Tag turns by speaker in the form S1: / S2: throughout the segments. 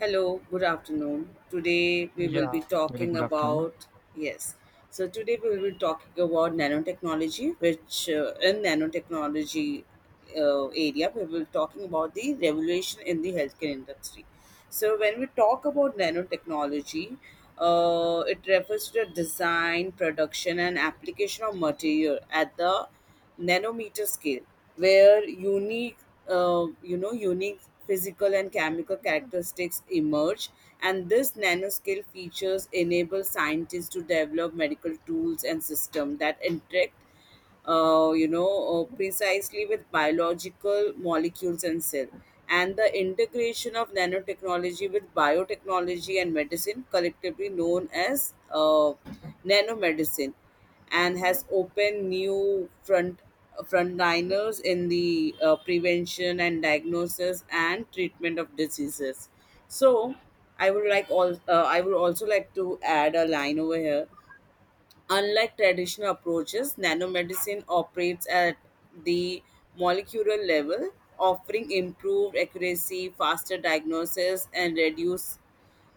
S1: Hello, good afternoon. Today we will
S2: Yeah,
S1: be
S2: very
S1: talking
S2: good afternoon.
S1: about. Yes. So today we will be talking about nanotechnology, which in nanotechnology area we will be talking about the revolution in the healthcare industry. So when we talk about nanotechnology, it refers to the design, production, and application of material at the nanometer scale where unique unique physical and chemical characteristics emerge, and this nanoscale features enable scientists to develop medical tools and systems that interact precisely with biological molecules and cell. And the integration of nanotechnology with biotechnology and medicine, collectively known as nanomedicine, and has opened new frontliners in the prevention and diagnosis and treatment of diseases. So, I would also like to add a line over here. Unlike traditional approaches, nanomedicine operates at the molecular level, offering improved accuracy, faster diagnosis, and reduced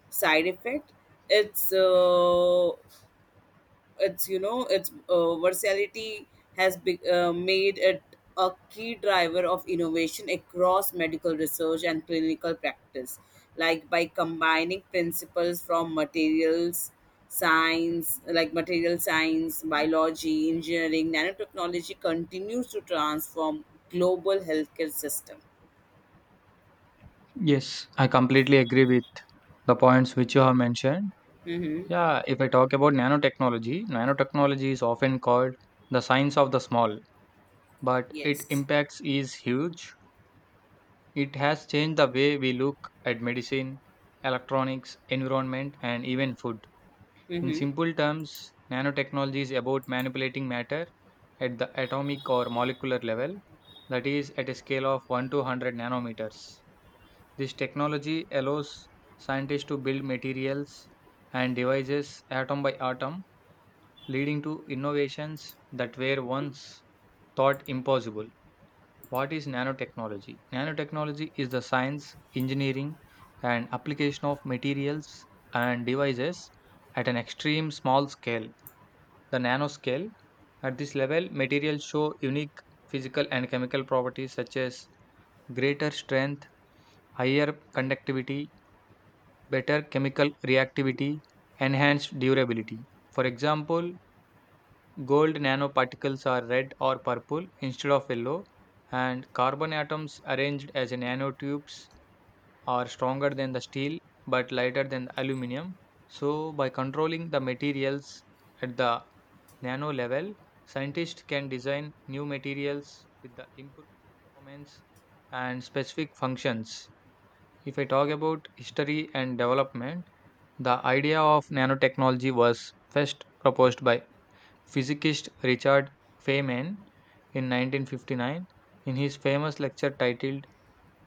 S1: side effect. Its uh, its versatility has made it a key driver of innovation across medical research and clinical practice. Like, by combining principles from materials science, like material science, biology, engineering, nanotechnology continues to transform global healthcare system.
S2: Yes, I completely agree with the points which you have mentioned.
S1: Mm-hmm.
S2: Yeah, if I talk about nanotechnology, nanotechnology is often called the science of the small, but its
S1: Yes.
S2: impacts is huge. It has changed the way we look at medicine, electronics, environment, and even food. In
S1: Mm-hmm.
S2: simple terms, nanotechnology is about manipulating matter at the atomic or molecular level, that is, at a scale of 1 to 100 nanometers. This technology allows scientists to build materials and devices atom by atom, leading to innovations that were once thought impossible. What is nanotechnology? Nanotechnology is the science, engineering, and application of materials and devices at an extreme small scale, the nanoscale. At this level, materials show unique physical and chemical properties such as greater strength, higher conductivity, better chemical reactivity, enhanced durability. For example, gold nanoparticles are red or purple instead of yellow, and carbon atoms arranged as nanotubes are stronger than the steel but lighter than the aluminum. So, by controlling the materials at the nano level, scientists can design new materials with the improved performance and specific functions. If I talk about history and development, the idea of nanotechnology was first proposed by physicist Richard Feynman in 1959 in his famous lecture titled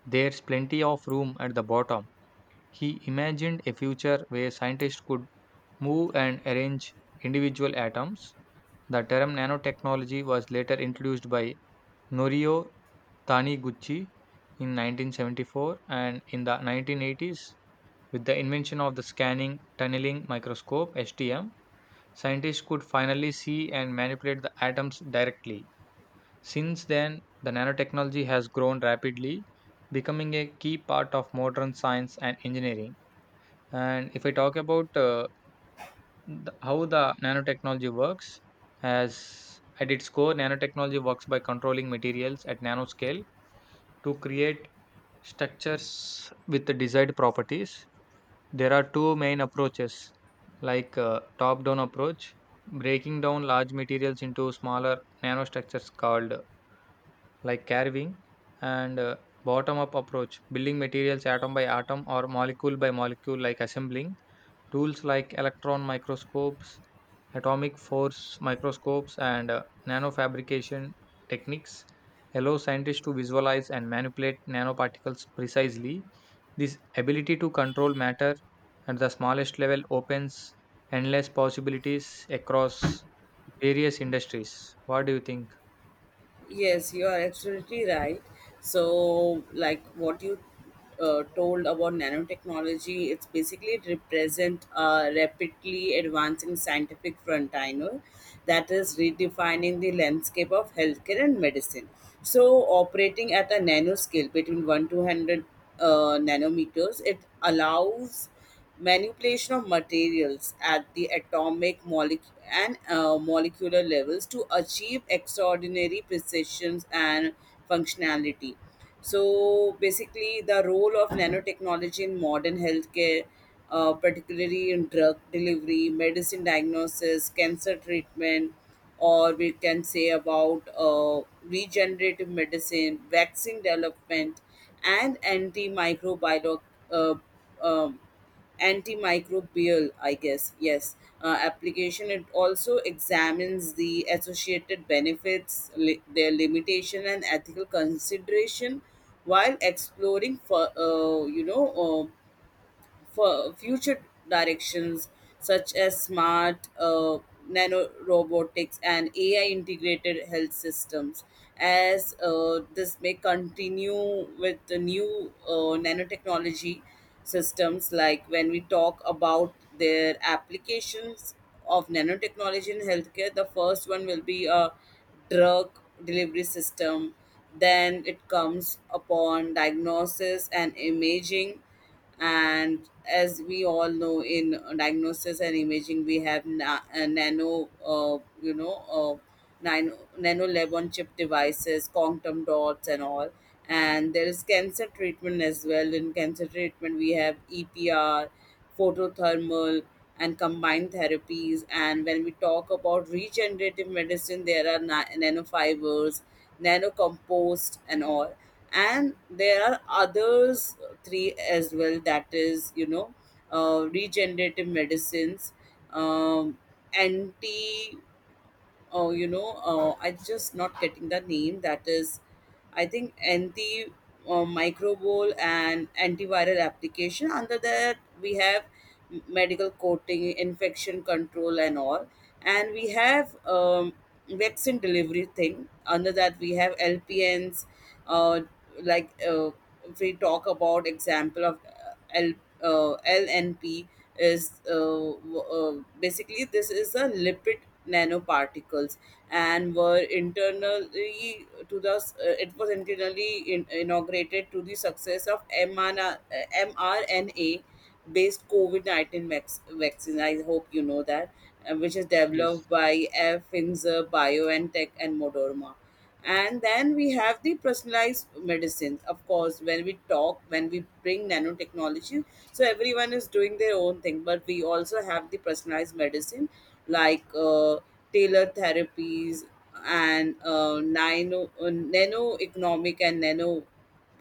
S2: There's Plenty of Room at the Bottom. He imagined a future where scientists could move and arrange individual atoms. The term nanotechnology was later introduced by Norio Taniguchi in 1974, and in the 1980s, with the invention of the scanning tunneling microscope STM, scientists could finally see and manipulate the atoms directly. Since then, the nanotechnology has grown rapidly, becoming a key part of modern science and engineering. And if I talk about the, how the nanotechnology works, as at its core, nanotechnology works by controlling materials at nanoscale to create structures with the desired properties. There are two main approaches, like top-down approach, breaking down large materials into smaller nanostructures called like carving, and bottom-up approach, building materials atom by atom or molecule by molecule, like assembling. Tools like electron microscopes, atomic force microscopes, and nanofabrication techniques allow scientists to visualize and manipulate nanoparticles precisely. This ability to control matter at the smallest level opens endless possibilities across various industries. What do you think?
S1: Yes, you are absolutely right. So, like what you told about nanotechnology, it's basically it represent a rapidly advancing scientific frontier that is redefining the landscape of healthcare and medicine. So, operating at a nano scale between 1 to 100 nanometers, it allows manipulation of materials at the atomic molecule and molecular levels to achieve extraordinary precisions and functionality. So basically, the role of nanotechnology in modern healthcare, particularly in drug delivery, medicine, diagnosis, cancer treatment, or we can say about regenerative medicine, vaccine development, and antimicrobial uh, um, antimicrobial I guess. Yes. Application, it also examines the associated benefits, their limitation and ethical consideration, while exploring for you know for future directions such as smart nanorobotics and AI integrated health systems. As this may continue with the new nanotechnology systems, like when we talk about their applications of nanotechnology in healthcare, the first one will be a drug delivery system. Then it comes upon diagnosis and imaging, and as we all know, in diagnosis and imaging we have na- nano you know uh, nano, nano lab on chip devices, quantum dots, and all. And there is cancer treatment as well. In cancer treatment we have EPR, photothermal, and combined therapies. And when we talk about regenerative medicine, there are nanofibers, nanocompost, and all. And there are others three as well. That is, regenerative medicines, um, anti Oh, I'm just not getting the name. That is, I think anti microbial and antiviral application. Under that, we have medical coating, infection control, and all. And we have vaccine delivery thing. Under that, we have LPNs, uh, like. If we talk about example of LNP is basically this is a lipid nanoparticles, and were internally to the s- it was internally inaugurated to the success of mRNA, mRNA based COVID-19 vaccine. I hope you know that, which is
S2: Yes,
S1: developed by F. Pfizer, BioNTech, and Moderna. And then we have the personalized medicine, of course, when we bring nanotechnology. So everyone is doing their own thing, but we also have the personalized medicine, like tailored therapies and nano economic and nano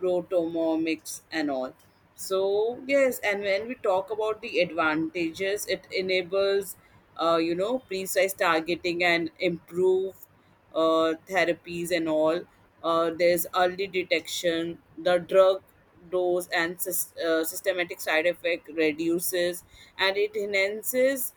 S1: protomomics and all. So yes, and when we talk about the advantages, it enables precise targeting and improve therapies and all. There's early detection, the drug dose and systematic side effect reduces, and it enhances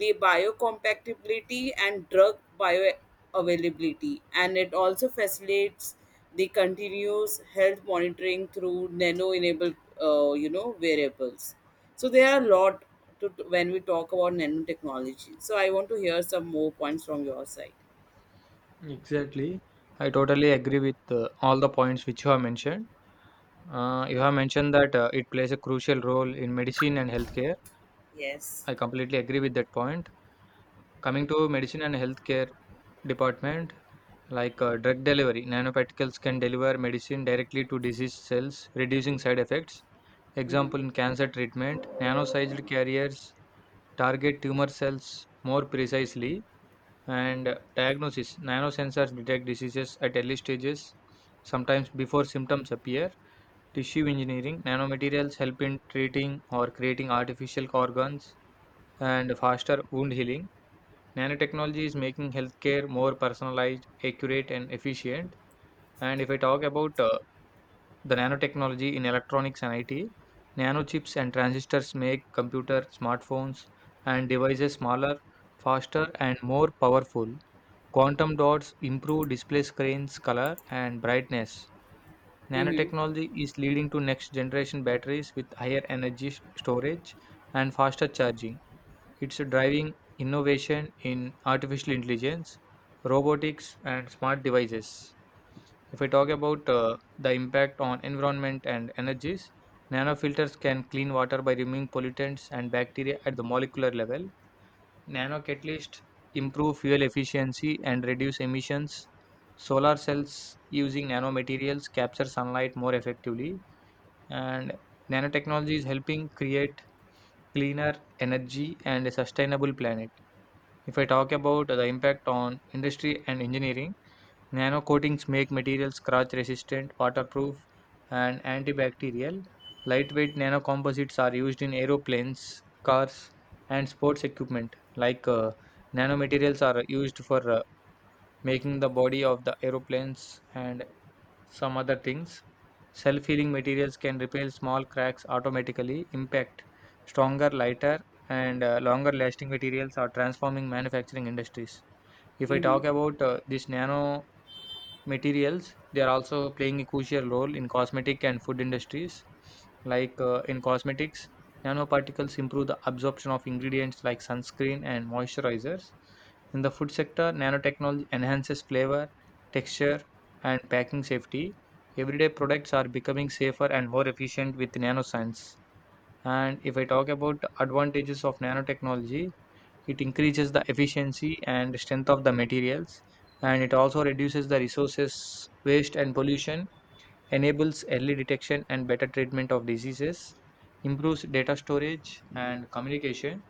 S1: the biocompatibility and drug bioavailability, and it also facilitates the continuous health monitoring through nano-enabled, variables. So there are a lot when we talk about nanotechnology. So I want to hear some more points from your side.
S2: exactly. I totally agree with all the points which you have mentioned. You have mentioned that it plays a crucial role in medicine and healthcare.
S1: Yes.
S2: I completely agree with that point. Coming to medicine and healthcare department, like drug delivery, nanoparticles can deliver medicine directly to disease cells, reducing side effects.
S1: Mm-hmm.
S2: Example in cancer treatment, nano-sized carriers target tumor cells more precisely, and diagnosis, nanosensors detect diseases at early stages, sometimes before symptoms appear. Tissue engineering nanomaterials help in treating or creating artificial organs and faster wound healing. Nanotechnology is making healthcare more personalized, accurate, and efficient. And if I talk about the nanotechnology in electronics and IT, nanochips and transistors make computer, smartphones, and devices smaller, faster, and more powerful. Quantum dots improve display screens, color, and brightness.
S1: Mm-hmm.
S2: Nanotechnology is leading to next generation batteries with higher energy storage and faster charging. It's driving innovation in artificial intelligence, robotics, and smart devices. If I talk about the impact on environment and energies, nanofilters can clean water by removing pollutants and bacteria at the molecular level. Nano catalysts improve fuel efficiency and reduce emissions. Solar cells using nanomaterials capture sunlight more effectively, and nanotechnology is helping create cleaner energy and a sustainable planet. If I talk about the impact on industry and engineering, nano coatings make materials scratch resistant, waterproof, and antibacterial. Lightweight nanocomposites are used in aeroplanes, cars, and sports equipment. Like nanomaterials are used for making the body of the aeroplanes and some other things. Self healing materials can repair small cracks automatically, impact stronger, lighter, and longer lasting materials are transforming manufacturing industries. If I
S1: Mm-hmm.
S2: talk about this nano materials. They are also playing a crucial role in cosmetic and food industries. Like in cosmetics, nanoparticles improve the absorption of ingredients like sunscreen and moisturizers. In the food sector, nanotechnology enhances flavor, texture, and packing safety. Everyday products are becoming safer and more efficient with nanoscience. And if I talk about advantages of nanotechnology, it increases the efficiency and strength of the materials, and it also reduces the resources waste and pollution, enables early detection and better treatment of diseases, improves data storage and communication,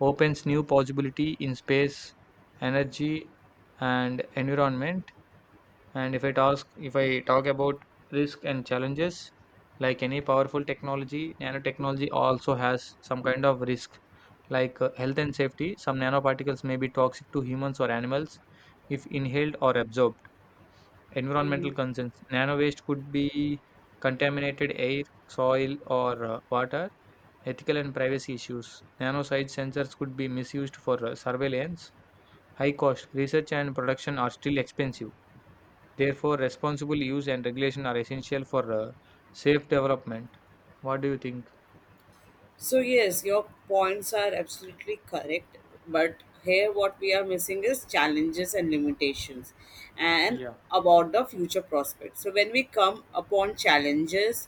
S2: opens new possibility in space, energy, and environment. And if I talk about risk and challenges, like any powerful technology, nanotechnology also has some kind of risk, like health and safety, some nanoparticles may be toxic to humans or animals if inhaled or absorbed. Environmental
S1: Mm-hmm.
S2: concerns, nano waste could be contaminated air, soil, or water. Ethical and privacy issues, nanosized sensors could be misused for surveillance. High cost, research and production are still expensive. Therefore, responsible use and regulation are essential for safe development. What do you think?
S1: So yes, your points are absolutely correct. But here, what we are missing is challenges and limitations, and
S2: Yeah.
S1: about the future prospects. So when we come upon challenges,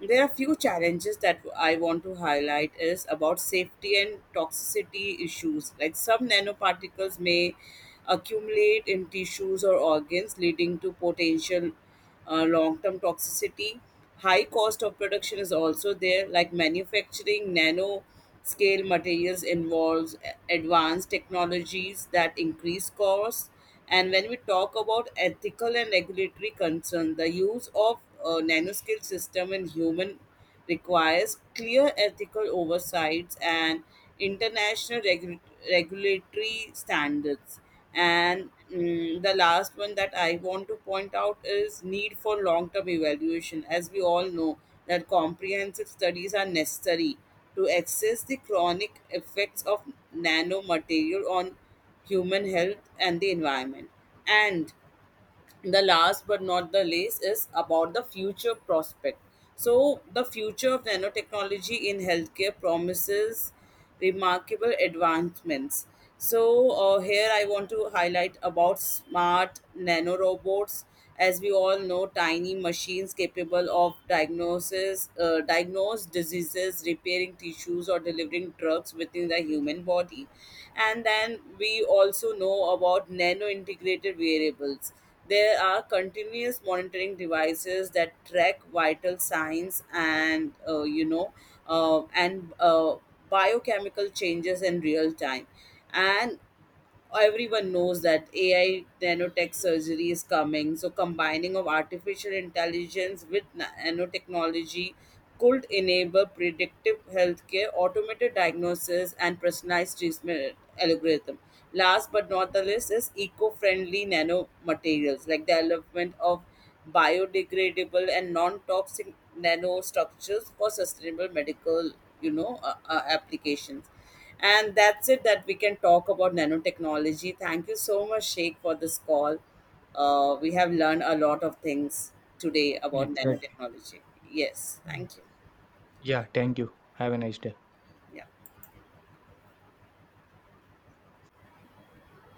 S1: there are few challenges that I want to highlight is about safety and toxicity issues. Like, some nanoparticles may accumulate in tissues or organs, leading to potential long term toxicity. High cost of production is also there, like manufacturing nano scale materials involves advanced technologies that increase costs. And when we talk about ethical and regulatory concern, the use of nanoscale system in human requires clear ethical oversights and international regulatory standards. And the last one that I want to point out is need for long-term evaluation. As we all know, that comprehensive studies are necessary to assess the chronic effects of nanomaterial on human health and the environment. And the last but not the least is about the future prospect. So the future of nanotechnology in healthcare promises remarkable advancements. So here I want to highlight about smart nanorobots. As we all know, tiny machines capable of diagnose diseases, repairing tissues, or delivering drugs within the human body. And then we also know about nano integrated variables. There are continuous monitoring devices that track vital signs and you know and biochemical changes in real time. And everyone knows that AI nanotech surgery is coming. So combining of artificial intelligence with nanotechnology could enable predictive healthcare, automated diagnosis, and personalized treatment algorithm. Last but not the least is eco-friendly nanomaterials, like development of biodegradable and non-toxic nanostructures for sustainable medical, applications. And that's it that we can talk about nanotechnology. Thank you so much, Sheikh, for this call. We have learned a lot of things today about
S2: Exactly.
S1: nanotechnology. Yes,
S2: Mm.
S1: thank you.
S2: Yeah, thank you. Have a nice day.
S1: Yeah.